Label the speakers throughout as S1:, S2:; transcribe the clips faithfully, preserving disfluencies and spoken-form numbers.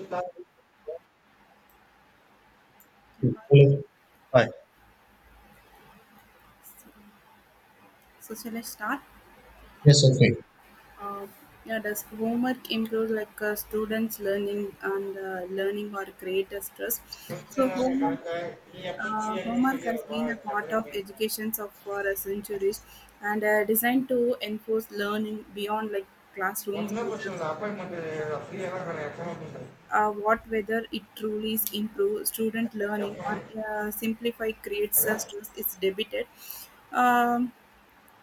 S1: Hello. Hi.
S2: So shall I start?
S1: Yes, okay.
S2: Uh, yeah, does homework improve like uh, students' learning and uh, learning or create a stress? So homework, uh, homework has been a part of education of for uh, centuries and uh, designed to enforce learning beyond like classrooms and uh, uh, uh, what whether it truly is improve student learning or uh, simplify creates a stress is debated. Um,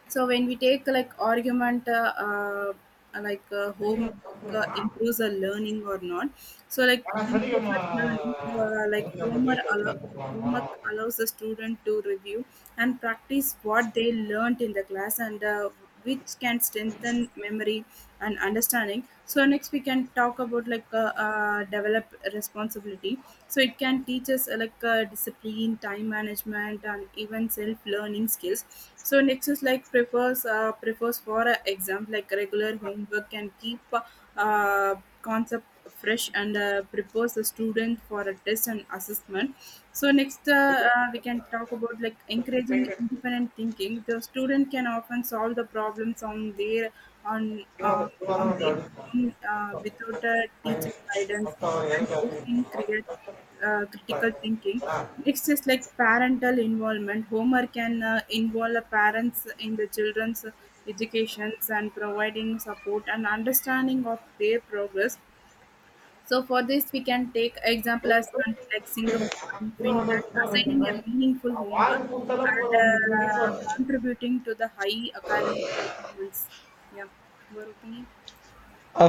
S2: so when we take like argument uh, uh, like uh, homework uh, improves our learning or not, so like improves our learning uh, like homework allo- homework allows the student to review and practice what they learned in the class, and uh, which can strengthen memory and understanding. So next we can talk about like uh, uh, develop responsibility, so it can teach us uh, like uh, discipline, time management, and even self learning skills. So next is like prefers uh, prefers for uh, exam, like regular homework can keep uh, uh, concept fresh and uh, prepares the student for a test and assessment. So next, uh, uh, we can talk about like encouraging independent thinking. The student can often solve the problems on their on uh, on their own uh, without a teacher guidance, and boosting create uh, critical thinking. Next is like parental involvement. Homework can uh, involve the parents in the children's educations and providing support and understanding of their progress. So for this, we can take
S1: Uh,
S2: example as country like Singapore and Finland, assigning a meaningful homework and uh, contributing to the high academic performance. Yeah, your opinion?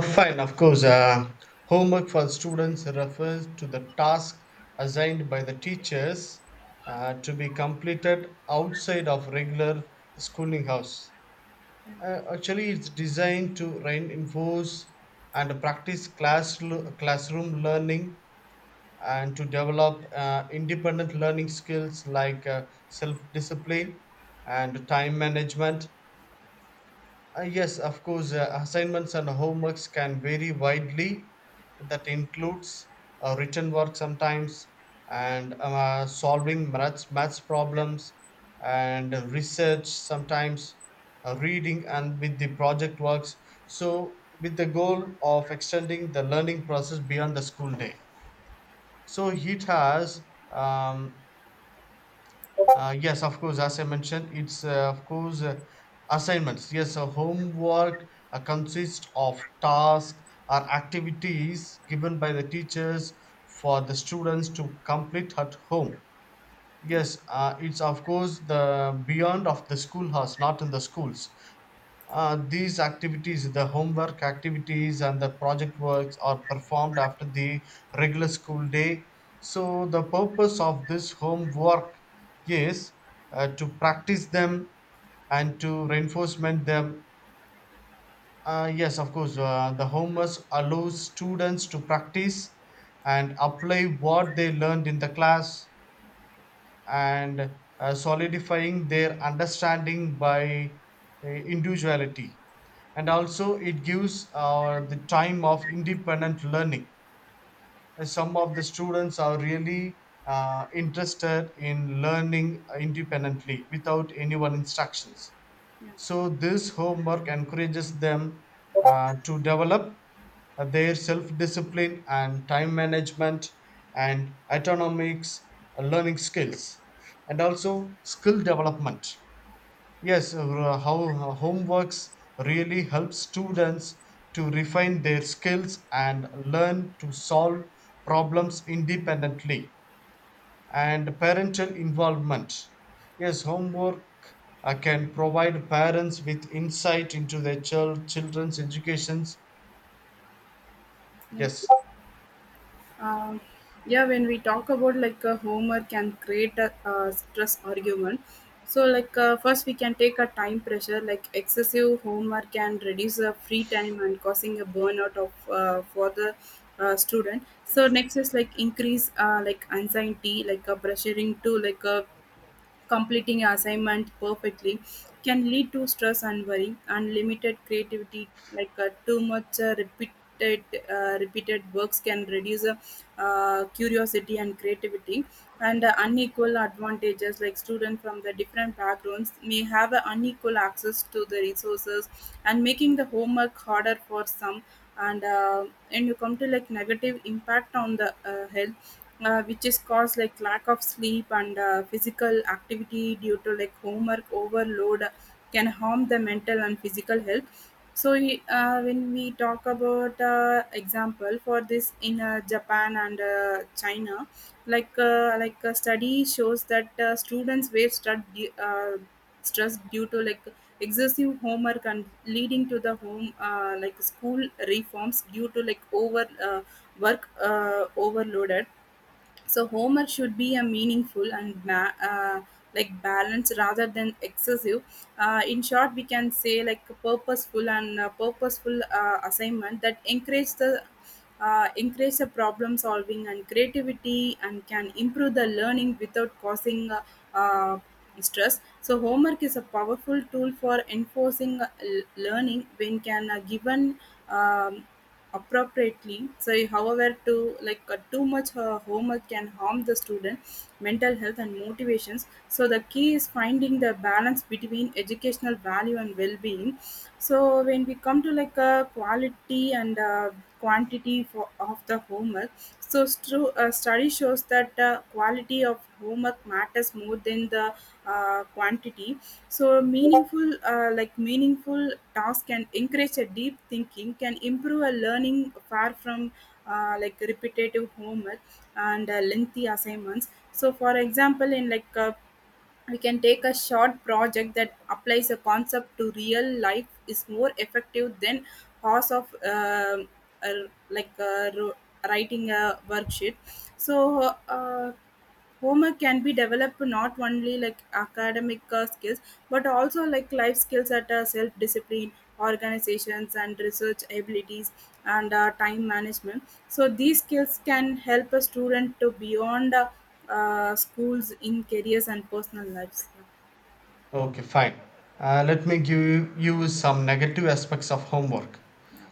S1: Fine, of course. Uh, homework for students refers to the task assigned by the teachers uh, to be completed outside of regular schooling hours. Uh, actually, it's designed to reinforce and practice class, classroom learning and to develop uh, independent learning skills like uh, self discipline and time management. Uh, yes, of course, uh, assignments and homeworks can vary widely. That includes uh, written work sometimes and uh, solving maths, maths problems and research sometimes, uh, reading and with the project works. So, with the goal of extending the learning process beyond the school day. So it has, um, uh, yes, of course, as I mentioned, it's uh, of course uh, assignments. Yes, so homework uh, consists of tasks or activities given by the teachers for the students to complete at home. Yes, uh, it's of course the beyond of the schoolhouse, not in the schools. Uh, these activities, the homework activities and the project works, are performed after the regular school day. So, the purpose of this homework is uh, to practice them and to reinforcement them. Uh, yes, of course, uh, the homework allows students to practice and apply what they learned in the class and uh, solidifying their understanding by uh, individuality, and also it gives uh, the time of independent learning. Uh, some of the students are really uh, interested in learning independently without anyone instructions, so this homework encourages them uh, to develop uh, their self discipline and time management and autonomics uh, learning skills and also skill development. Yes, uh, how uh, homeworks really helps students to refine their skills and learn to solve problems independently, and parental involvement, yes, homework uh, can provide parents with insight into their chil- children's educations,
S2: Yeah.
S1: yes.
S2: Um, yeah, when we talk about like a Homer can create a, uh stress argument. So like uh, first we can take a time pressure. Like excessive Homer can reduce the free time and causing a burnout of uh, for the uh, student. So next is like increase uh, like anxiety, like a pressuring to like a completing assignment perfectly can lead to stress and worry. Unlimited creativity, like uh, too much uh, repeated uh, repeated works can reduce uh, uh, curiosity and creativity, and uh, unequal advantages like students from the different backgrounds may have uh, unequal access to the resources and making the homework harder for some, and uh, and you come to like negative impact on the uh, health, uh, which is caused like lack of sleep and uh, physical activity due to like homework overload can harm the mental and physical health. So we- uh, when we talk about uh, example for this in uh, Japan and uh, China, like uh, like a study shows that uh, students were stud- du- uh, stressed due to like excessive homework and leading to the home uh, like school reforms due to like over uh, work uh, overloaded. So homework should be a meaningful and ma- uh, like balanced rather than excessive. Uh, in short, we can say like a purposeful and uh purposeful uh, assignment that encourage the uh, encourage the problem solving and creativity and can improve the learning without causing uh, uh, stress. So homework is a powerful tool for enforcing uh, l- learning when can uh, given. Um, Appropriately. So however, to like uh, too much uh, homework can harm the student mental health and motivations. So the key is finding the balance between educational value and well-being. So when we come to like a quality and uh, quantity for, of the homework, so true uh, study shows that uh, quality of homework matters more than the uh, quantity. So meaningful uh, like meaningful task can encourage a deep thinking, can improve a learning far from uh, like repetitive homework and uh, lengthy assignments. So for example, in like uh, we can take a short project that applies a concept to real life is more effective than hours of um, uh, like uh, ro- writing a worksheet. So uh, homework can be developed not only like academic uh, skills but also like life skills at uh, self discipline, organizations and research abilities, and uh, time management. So these skills can help a student to beyond uh, uh, schools in careers and personal lives.
S1: Okay, fine. Uh, let me give you some negative aspects of homework.
S2: Yeah,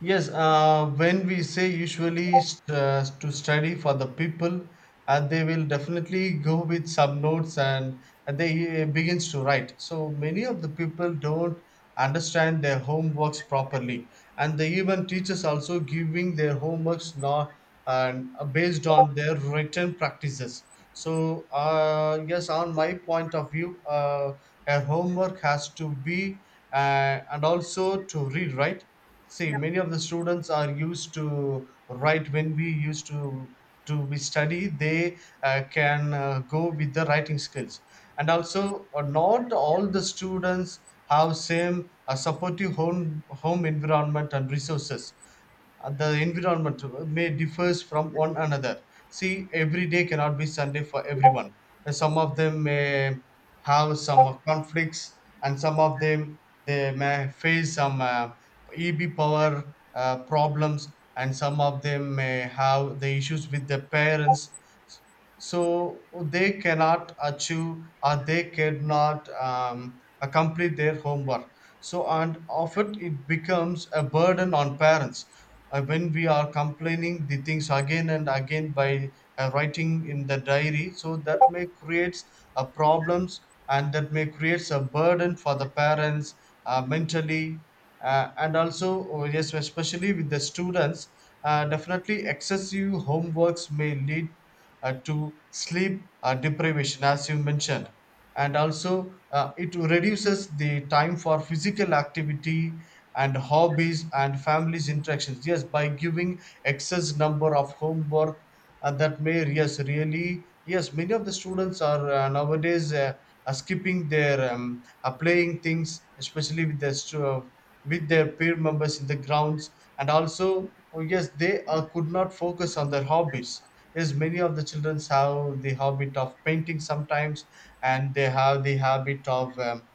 S1: Yes, uh, when we say usually st- uh, to study for the people, uh, they will definitely go with some notes, and and they uh, begins to write. So many of the people don't understand their homeworks properly, and the even teachers also giving their homeworks not and uh, based on their written practices. So uh, yes, on my point of view, uh, a homework has to be uh, and also to read, right? See,
S2: yeah,
S1: many of the students are used to write when we used to to we study. They uh, can uh, go with the writing skills, and also uh, not all the students have same uh, supportive home home environment and resources. Uh, the environment may differs from one another. See, every day cannot be Sunday for everyone. And some of them may have some uh, conflicts, and some of them they may face some uh, E B power uh, problems, and some of them may have the issues with their parents, so they cannot achieve or they cannot um, uh, complete their homework. So and often it becomes a burden on parents. Uh, when we are complaining the things again and again by uh, writing in the diary, so that may creates uh, problems, and that may creates a burden for the parents uh, mentally, uh, and also oh, yes, especially with the students, uh, definitely excessive homeworks may lead uh, to sleep uh, deprivation, as you mentioned. And also, uh, it reduces the time for physical activity and hobbies and families interactions. Yes, by giving excess number of homework, uh, that may, yes, really, yes, many of the students are uh, nowadays uh, are skipping their um, are playing things, especially with the stu- with their peer members in the grounds, and also oh yes they uh, could not focus on their hobbies. Yes, many of the children have the habit of painting sometimes, and they have the habit of um,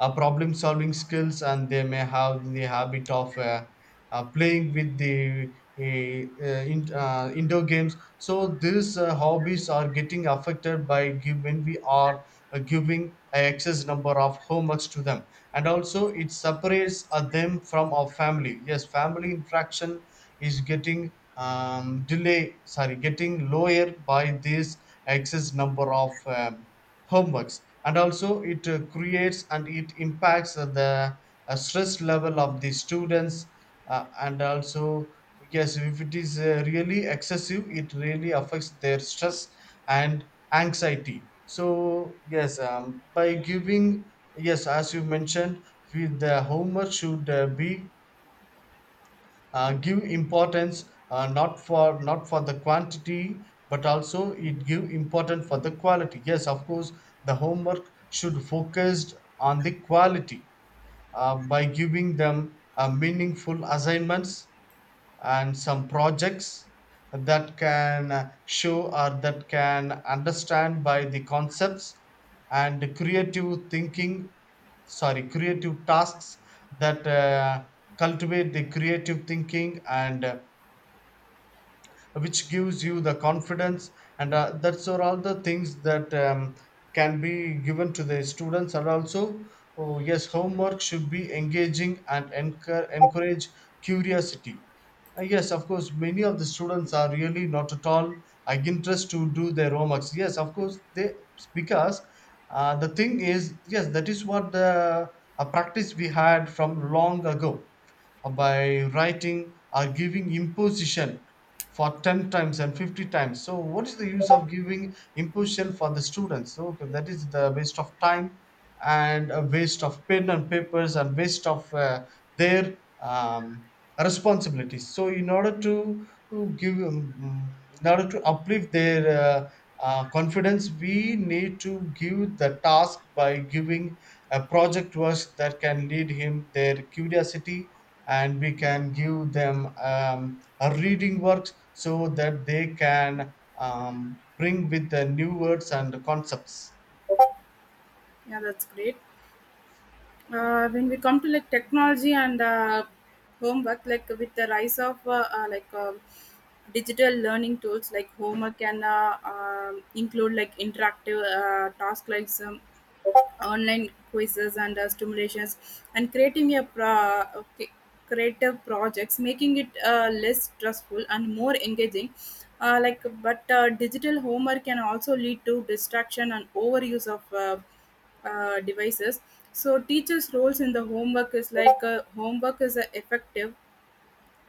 S1: uh, problem solving skills, and they may have the habit of uh, uh, playing with the uh, uh, in, uh, indoor games, so these uh, hobbies are getting affected by give, when we are uh, giving a excess number of homeworks to them, and also it separates uh, them from our family. Yes, family interaction is getting um, delay sorry getting lower by this excess number of um, homeworks, and also it uh, creates and it impacts the uh, stress level of the students, uh, and also yes, if it is uh, really excessive, it really affects their stress and anxiety. So yes, um, by giving, yes, as you mentioned, with the how much should uh, be uh, give importance, uh, not for, not for the quantity, but also it give important for the quality. Yes, of course the homework should focused on the quality, uh, by giving them uh, meaningful assignments and some projects that can show or that can understand by the concepts and creative thinking sorry creative tasks that uh, cultivate the creative thinking, and uh, which gives you the confidence, and uh, that's are all the things that um, can be given to the students, and also oh, yes, homework should be engaging and encour- encourage curiosity. Uh, yes, of course, many of the students are really not at all uh, interested to do their homeworks. Yes, of course, they, because uh, the thing is, yes, that is what the a practice we had from long ago, uh, by writing or giving imposition for ten times and fifty times. So what is the use of giving imposition for the students? So okay, that is the waste of time and a waste of pen and papers and waste of uh, their um, responsibilities. So in order to to give um, in order to uplift their uh, uh, confidence, we need to give the task by giving a project work that can lead him their curiosity, and we can give them um, a reading work so that they can um, bring with the new words and concepts.
S2: yeah, that's great. Uh, when we come to like technology and uh, homework, like with the rise of uh, uh, like um digital learning tools, like homework can uh, um include like interactive uh, tasks like some online quizzes and uh, stimulations and creating a pro- okay, creative projects, making it uh, less stressful and more engaging. Uh, like, but uh, digital homework can also lead to distraction and overuse of uh, uh, devices. So teachers' roles in the homework is like uh, homework is a effective.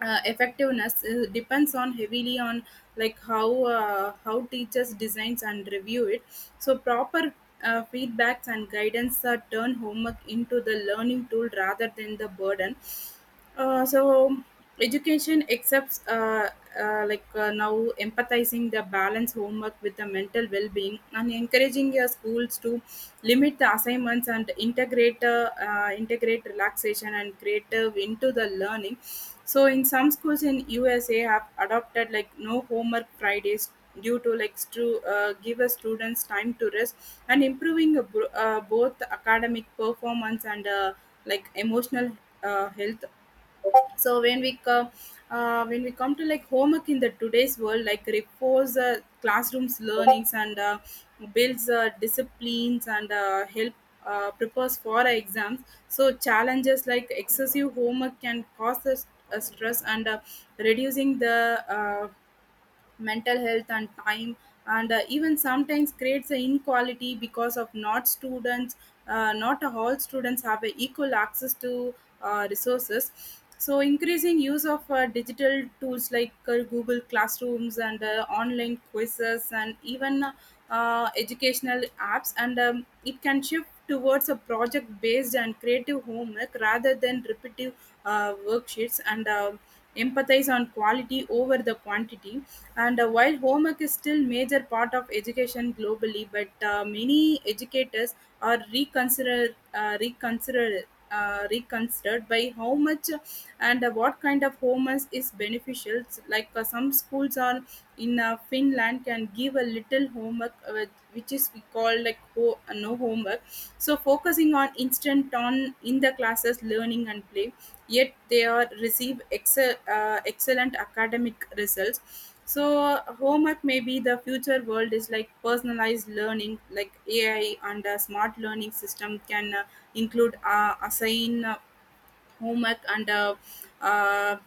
S2: Uh, effectiveness uh, depends on heavily on like how uh, how teachers designs and review it, so proper uh, feedbacks and guidance uh, turn homework into the learning tool rather than the burden. Uh, so education accepts uh, uh, like uh, now empathizing the balance homework with the mental well-being and encouraging your schools to limit the assignments and integrate uh, uh, integrate relaxation and creative into the learning. So in some schools in U S A have adopted like no homework Fridays due to like to uh, give a students time to rest and improving uh, bro- uh, both academic performance and uh, like emotional uh, health. So when we come uh, when we come to like homework in the today's world, like reinforce uh, classrooms learnings and uh, builds uh, disciplines and uh, help uh, prepares for our exams. So challenges like excessive homework can cause us uh, stress and uh, reducing the uh, mental health and time, and uh, even sometimes creates an inequality because of not students uh, not all students have a equal access to uh, resources. So increasing use of uh, digital tools like uh, Google classrooms and uh, online quizzes and even uh, educational apps and um, it can shift towards a project based and creative homework rather than repetitive uh, worksheets and uh, empathize on quality over the quantity. And uh, while homework is still major part of education globally, but uh, many educators are reconsidered uh, reconsidered uh, reconsidered by how much and uh, what kind of homework is beneficial, like uh, some schools are in uh, Finland can give a little homework uh, uh, which is we call like ho- uh, no homework, so focusing on instant on in the classes learning and play, yet they are receive excel, uh, excellent academic results. So uh, homework may be the future world is like personalized learning like A I and a smart learning system can uh, include uh, assign uh, homework and uh, uh,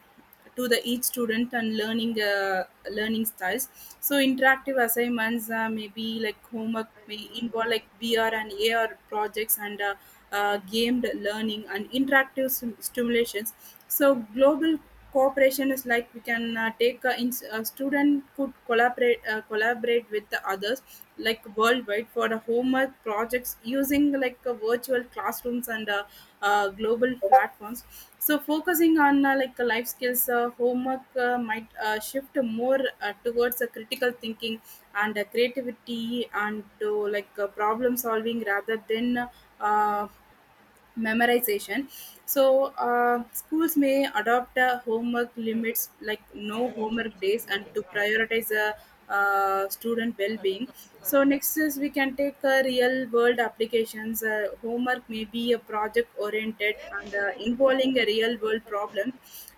S2: to the each student and learning uh, learning styles. So interactive assignments uh, maybe like homework may involve like V R and A R projects and uh, uh, gamed learning and interactive sim- stimulations. So global cooperation is like we can uh, take uh, in, a student could collaborate uh, collaborate with the others like worldwide for the homework projects using like uh, virtual classrooms and uh, uh, global platforms. So focusing on uh, like uh, life skills, uh, homework uh, might uh, shift more uh, towards uh, critical thinking and uh, creativity and to like uh, problem solving rather than uh, memorization. So uh, schools may adopt uh, homework limits like no homework days and to prioritize uh, uh, student well-being. So next is we can take uh, real world applications. Uh, homework may be a project oriented and uh, involving a real world problem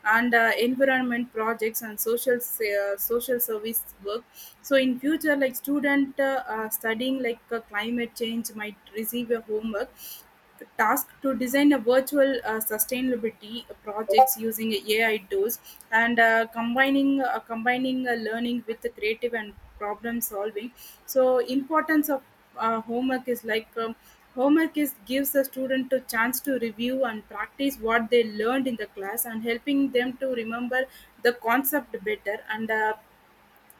S2: and uh, environment projects and social s- uh, social service work. So in future, like student uh, uh, studying like uh, climate change might receive a homework task to design a virtual uh, sustainability projects using A I tools and uh, combining uh, combining uh, learning with the creative and problem solving. So importance of uh, homework is like um, homework is gives the student a chance to review and practice what they learned in the class and helping them to remember the concept better and uh,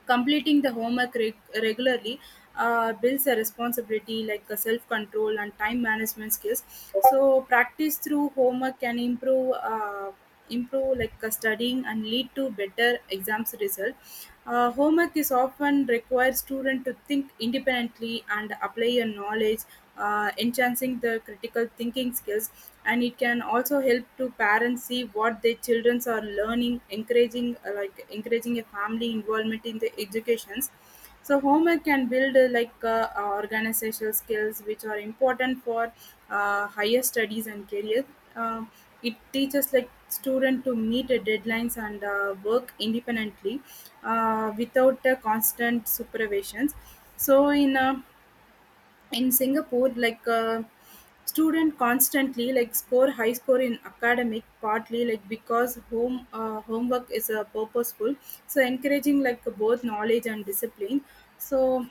S2: completing the homework reg- regularly uh, builds a responsibility like a self-control and time management skills. So practice through homework can improve uh, improve like uh, studying and lead to better exams result. Uh, homework is often requires student to think independently and apply your knowledge, uh, enhancing the critical thinking skills. And it can also help to parents see what their children are learning, encouraging uh, like encouraging a family involvement in the educations. So homework can build uh, like uh, organizational skills which are important for uh, higher studies and career. Um it teaches like student to meet uh, deadlines and uh, work independently uh, without uh, constant supervisions. So in uh, in Singapore, like uh, student constantly like score high score in academic partly like because home uh, homework is uh, purposeful, so encouraging like both knowledge and discipline. So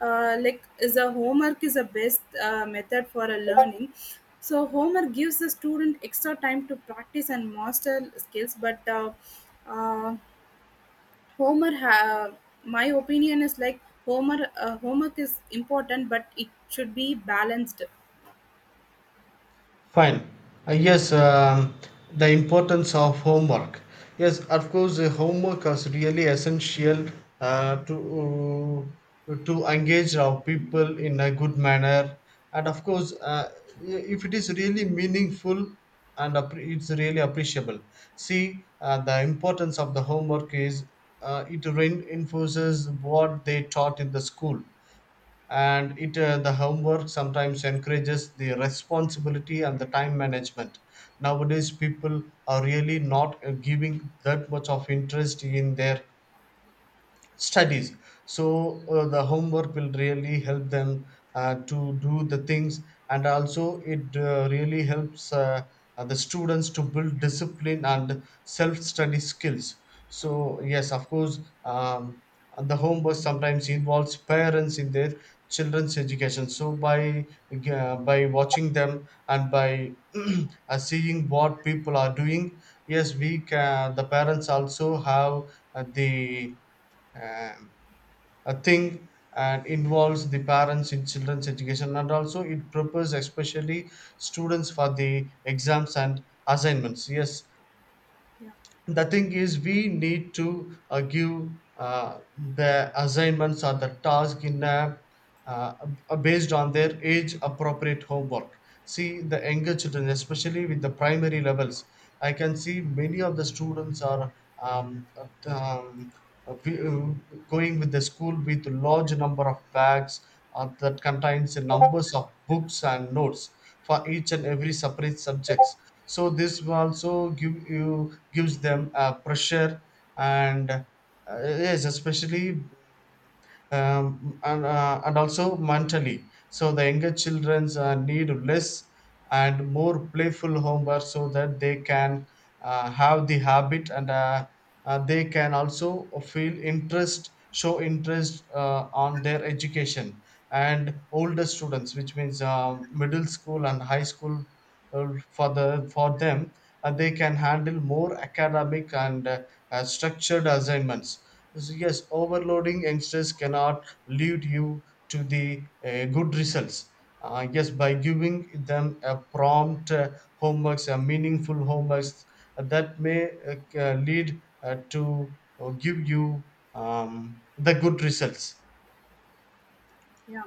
S2: uh, like is a homework is the best uh, method for a learning. So homework gives the student extra time to practice and master skills, but uh, uh, Homer, ha- my opinion is like Homer. Uh, homework is important, but it should be balanced.
S1: Fine. Uh, yes, um, the importance of homework. Yes, of course, uh, homework is really essential uh, to uh, to engage our people in a good manner, and of course, uh, if it is really meaningful and appre- it's really appreciable. See, uh, the importance of the homework is uh, it reinforces what they taught in the school, and it uh, the homework sometimes encourages the responsibility and the time management. Nowadays people are really not uh, giving that much of interest in their studies, so uh, the homework will really help them uh, to do the things, and also it uh, really helps uh, uh, the students to build discipline and self-study skills. So yes, of course, um, and the homework sometimes involves parents in their children's education, so by uh, by watching them and by uh, seeing what people are doing, yes, we can, the parents also have uh, the um, a thing, and involves the parents in children's education, and also it prepares especially students for the exams and assignments, yes.
S2: Yeah,
S1: The thing is we need to uh, give uh, the assignments or the task in a, uh, uh, based on their age appropriate homework. See, the younger children, especially with the primary levels, I can see many of the students are um, uh, um, uh, we- uh, going with the school with large number of bags uh, that contains the numbers of books and notes for each and every separate subjects. So this will also give you gives them a pressure, and uh, yes, especially um, and, uh, and also mentally. So the younger childrens uh, need less and more playful homework so that they can uh, have the habit, and uh, uh, they can also feel interest, show interest uh, on their education. And older students, which means um, middle school and high school, uh, for the for them, uh, they can handle more academic and uh, uh, structured assignments. So yes, overloading youngsters cannot lead you to the uh, good results. Uh, yes, by giving them a prompt uh, homeworks, a meaningful homeworks, uh, that may uh, lead uh, to uh, give you um, the good results.
S2: yeah.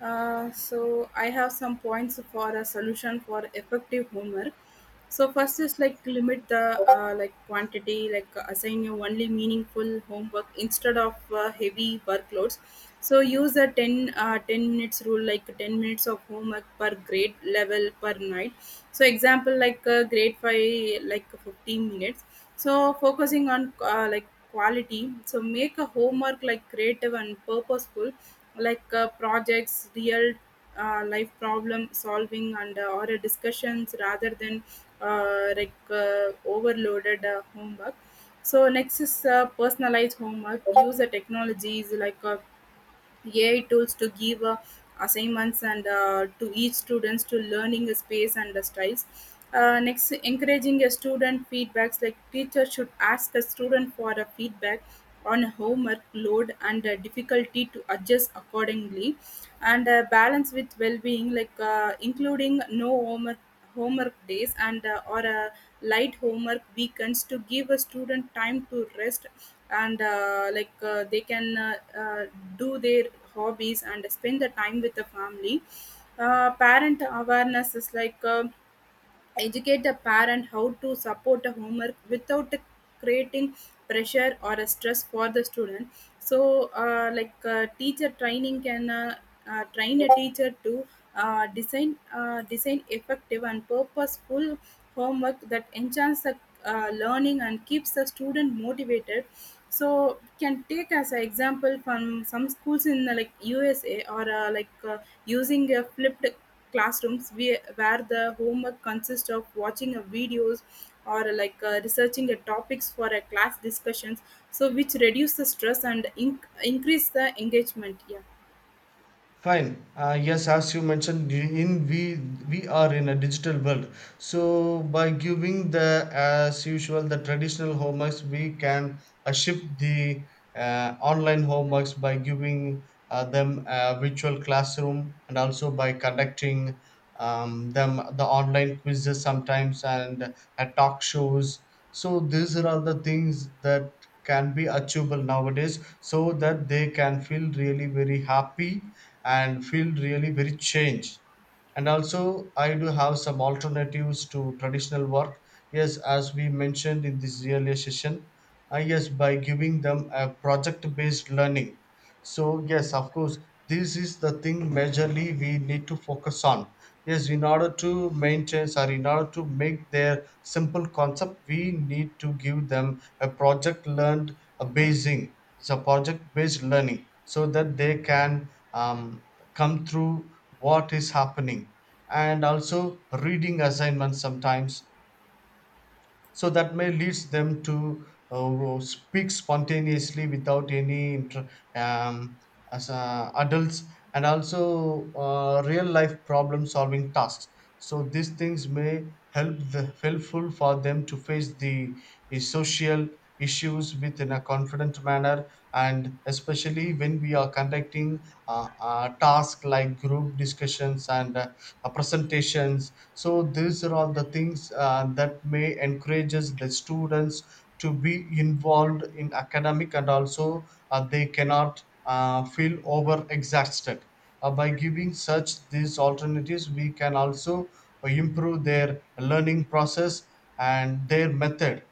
S2: Uh, so I have some points for a solution for effective homework. So first is like limit the uh, like quantity, like assign you only meaningful homework instead of uh, heavy workloads. So use a ten, uh, ten minutes rule, like ten minutes of homework per grade level per night. So example like uh, grade five, like fifteen minutes, so focusing on uh, like quality, so make a homework like creative and purposeful, like uh, projects, real uh, life problem solving and uh, or a discussions rather than uh, like uh, overloaded uh, homework. So next is uh, personalized homework, use the technologies like uh, A I tools to give uh, assignments and uh, to each students to learning space and the styles. Uh, next, encouraging a student feedbacks, like teacher should ask the student for a feedback on homework load and uh, difficulty to adjust accordingly, and uh, balance with well-being, like uh, including no homework homework days and uh, or a light homework weekends to give a student time to rest, and uh, like uh, they can uh, uh, do their hobbies and spend the time with the family. Uh, parent awareness is like uh, educate a parent how to support a homework without creating pressure or a stress for the student. So uh, like uh, teacher training can uh, uh, train a teacher to uh, design uh, design effective and purposeful homework that enhances the uh, learning and keeps the student motivated. So can take as an example from some schools in uh, like USA, or uh, like uh, using a flipped classrooms where where the homework consists of watching a videos or like uh, researching a topics for a class discussions, so which reduce the stress and inc- increase the engagement, yeah.
S1: Fine. Uh, yes, as you mentioned, in we we are in a digital world. So by giving the as usual the traditional homeworks, we can uh, shift the uh, online homeworks by giving uh, them a virtual classroom, and also by conducting um, them the online quizzes sometimes and uh, talk shows. So these are all the things that can be achievable nowadays, so that they can feel really very happy and feel really very changed. And also, I do have some alternatives to traditional work. Yes, as we mentioned in this earlier session, I, yes, by giving them a project based learning. So, yes, of course, this is the thing majorly we need to focus on. Yes, in order to maintain, sorry, in order to make their simple concept, we need to give them a project learned a basing, so project based learning, so that they can um, come through what is happening. And also reading assignments sometimes, so that may leads them to uh, speak spontaneously without any inter- um, as uh, adults, and also uh, real life problem solving tasks. So these things may help the helpful for them to face the, the social issues within a confident manner, and especially when we are conducting uh, uh, tasks like group discussions and uh, uh, presentations. So these are all the things uh, that may encourages the students to be involved in academic, and also uh, they cannot uh, feel over exhausted. Uh, by giving such these alternatives, we can also uh, improve their learning process and their method.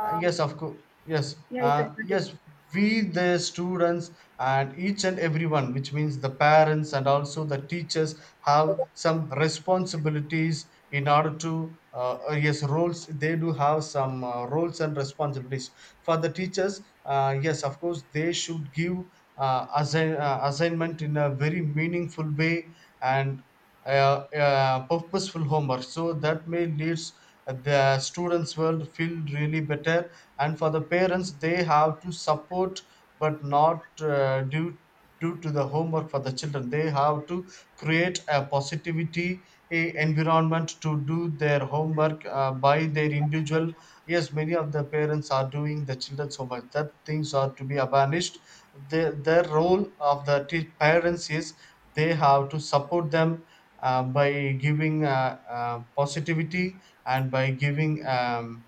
S1: uh, Yes, of course. Yes,
S2: yeah, you can
S1: uh,
S2: continue.
S1: yes. We the students and each and everyone, which means the parents and also the teachers, have some responsibilities in order to uh, uh, yes roles. They do have some uh, roles and responsibilities. For the teachers, Uh, yes, of course, they should give uh, assign, uh, assignment in a very meaningful way, and uh, uh, purposeful homework so that may leads the students will feel really better. And for the parents, they have to support, but not uh, due due to the homework. For the children, they have to create a positivity a environment to do their homework uh, by their individual. Yes, many of the parents are doing the children's homework, that things are to be abolished. The, their role of the te- parents is they have to support them uh, by giving uh, uh, positivity and by giving um,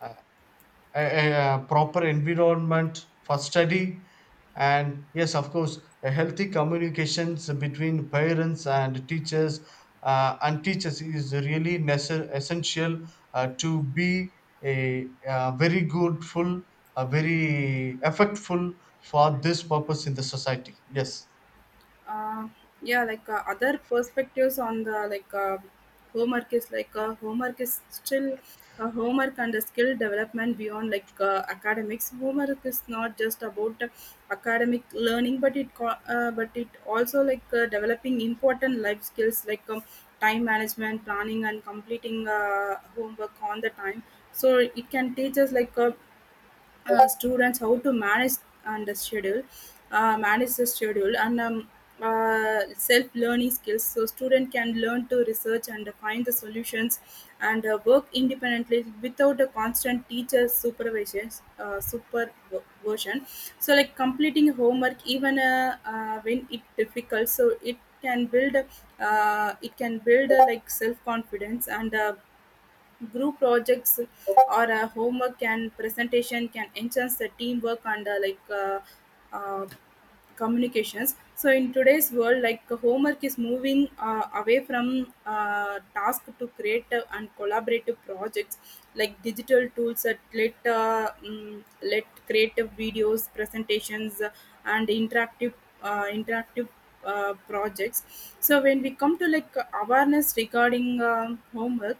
S1: uh, a, a a proper environment for study. And yes, of course, a healthy communications between parents and teachers uh, and teachers is really necess- essential uh, to be a, uh very good full, a very effectful for this purpose in the society, yes.
S2: uh, yeah, like uh, other perspectives on the, like uh, homework is like uh, homework is still uh, homework, and the skill development beyond like uh, academics. Homework is not just about uh, academic learning, but it co- uh, but it also like uh, developing important life skills like um, time management, planning, and completing uh, homework on the time, so it can teach us like uh, uh, students how to manage and the schedule, uh, manage the schedule, and um, uh, self-learning skills, so student can learn to research and find the solutions and uh, work independently without a constant teacher supervision uh, supervision. So like completing homework even uh, uh, when it difficult, so it can build uh, it can build uh, like self confidence and uh, group projects or a homework and presentation can enhance the teamwork and uh, like uh, uh, communications. So in today's world, like homework is moving uh, away from uh, task to creative and collaborative projects. Like digital tools that let uh, mm, let creative videos, presentations, uh, and interactive uh, interactive uh, projects. So when we come to like awareness regarding um, homework,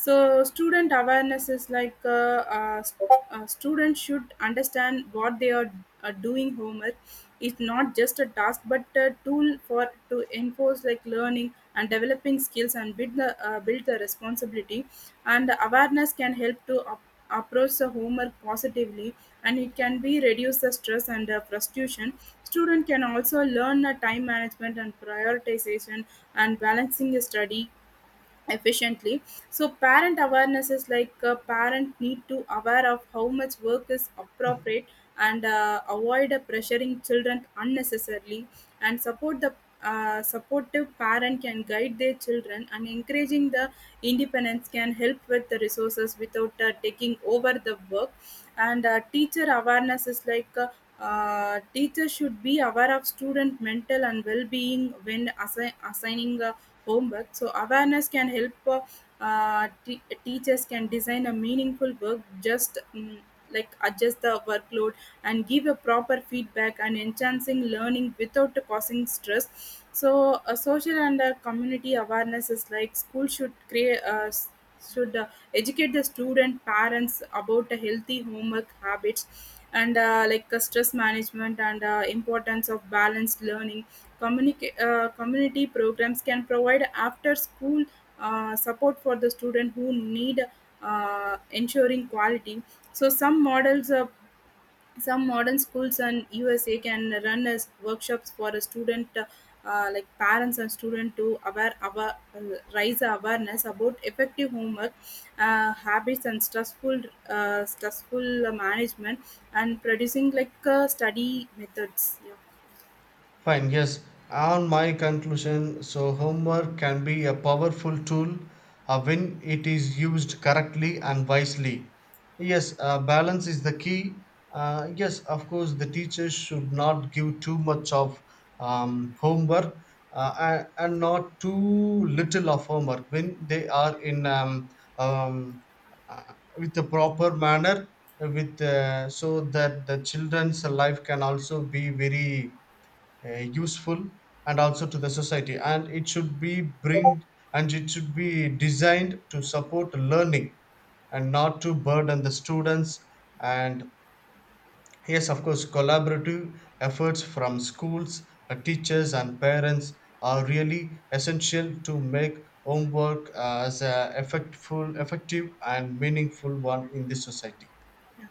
S2: so student awareness is like uh, uh, st- uh, students should understand what they are uh, doing. Homework is not just a task but a tool for to enforce like learning and developing skills and build the uh, build the responsibility, and awareness can help to up approach the homework positively, and it can be reduce the stress and the frustration. Student can also learn a time management and prioritization and balancing study efficiently. So parent awareness is like a parent need to aware of how much work is appropriate and uh, avoid uh, pressuring children unnecessarily and support the uh, supportive parent can guide their children, and encouraging the independence can help with the resources without uh, taking over the work. And uh, teacher awareness is like uh, uh, teachers should be aware of student mental and well-being when assi- assigning uh, homework, so awareness can help uh, uh, te- teachers can design a meaningful work just mm, like adjust the workload and give a proper feedback and enhancing learning without causing stress. So a social and a community awareness is like school should create uh, s- should uh, educate the student parents about the healthy homework habits and uh, like uh, stress management and uh, importance of balanced learning. Communica- uh, community programs can provide after school uh, support for the student who need uh, ensuring quality. So some models uh, some modern schools in U S A can run as workshops for a student, uh, uh, like parents and student to aware, aware, uh, raise awareness about effective homework uh, habits and stressful uh, stressful management and producing like uh, study methods. Yeah.
S1: Fine, yes. On my conclusion, so homework can be a powerful tool uh, when it is used correctly and wisely. Yes, uh, balance is the key. Uh, yes, of course, the teachers should not give too much of um, homework, uh, and, and not too little of homework when they are in um, um, uh, with a proper manner, uh, with uh, so that the children's life can also be very uh, useful and also to the society, and it should be bring and it should be designed to support learning and not to burden the students. And yes, of course, collaborative efforts from schools, uh, teachers and parents are really essential to make homework as a effectful effective and meaningful one in this society.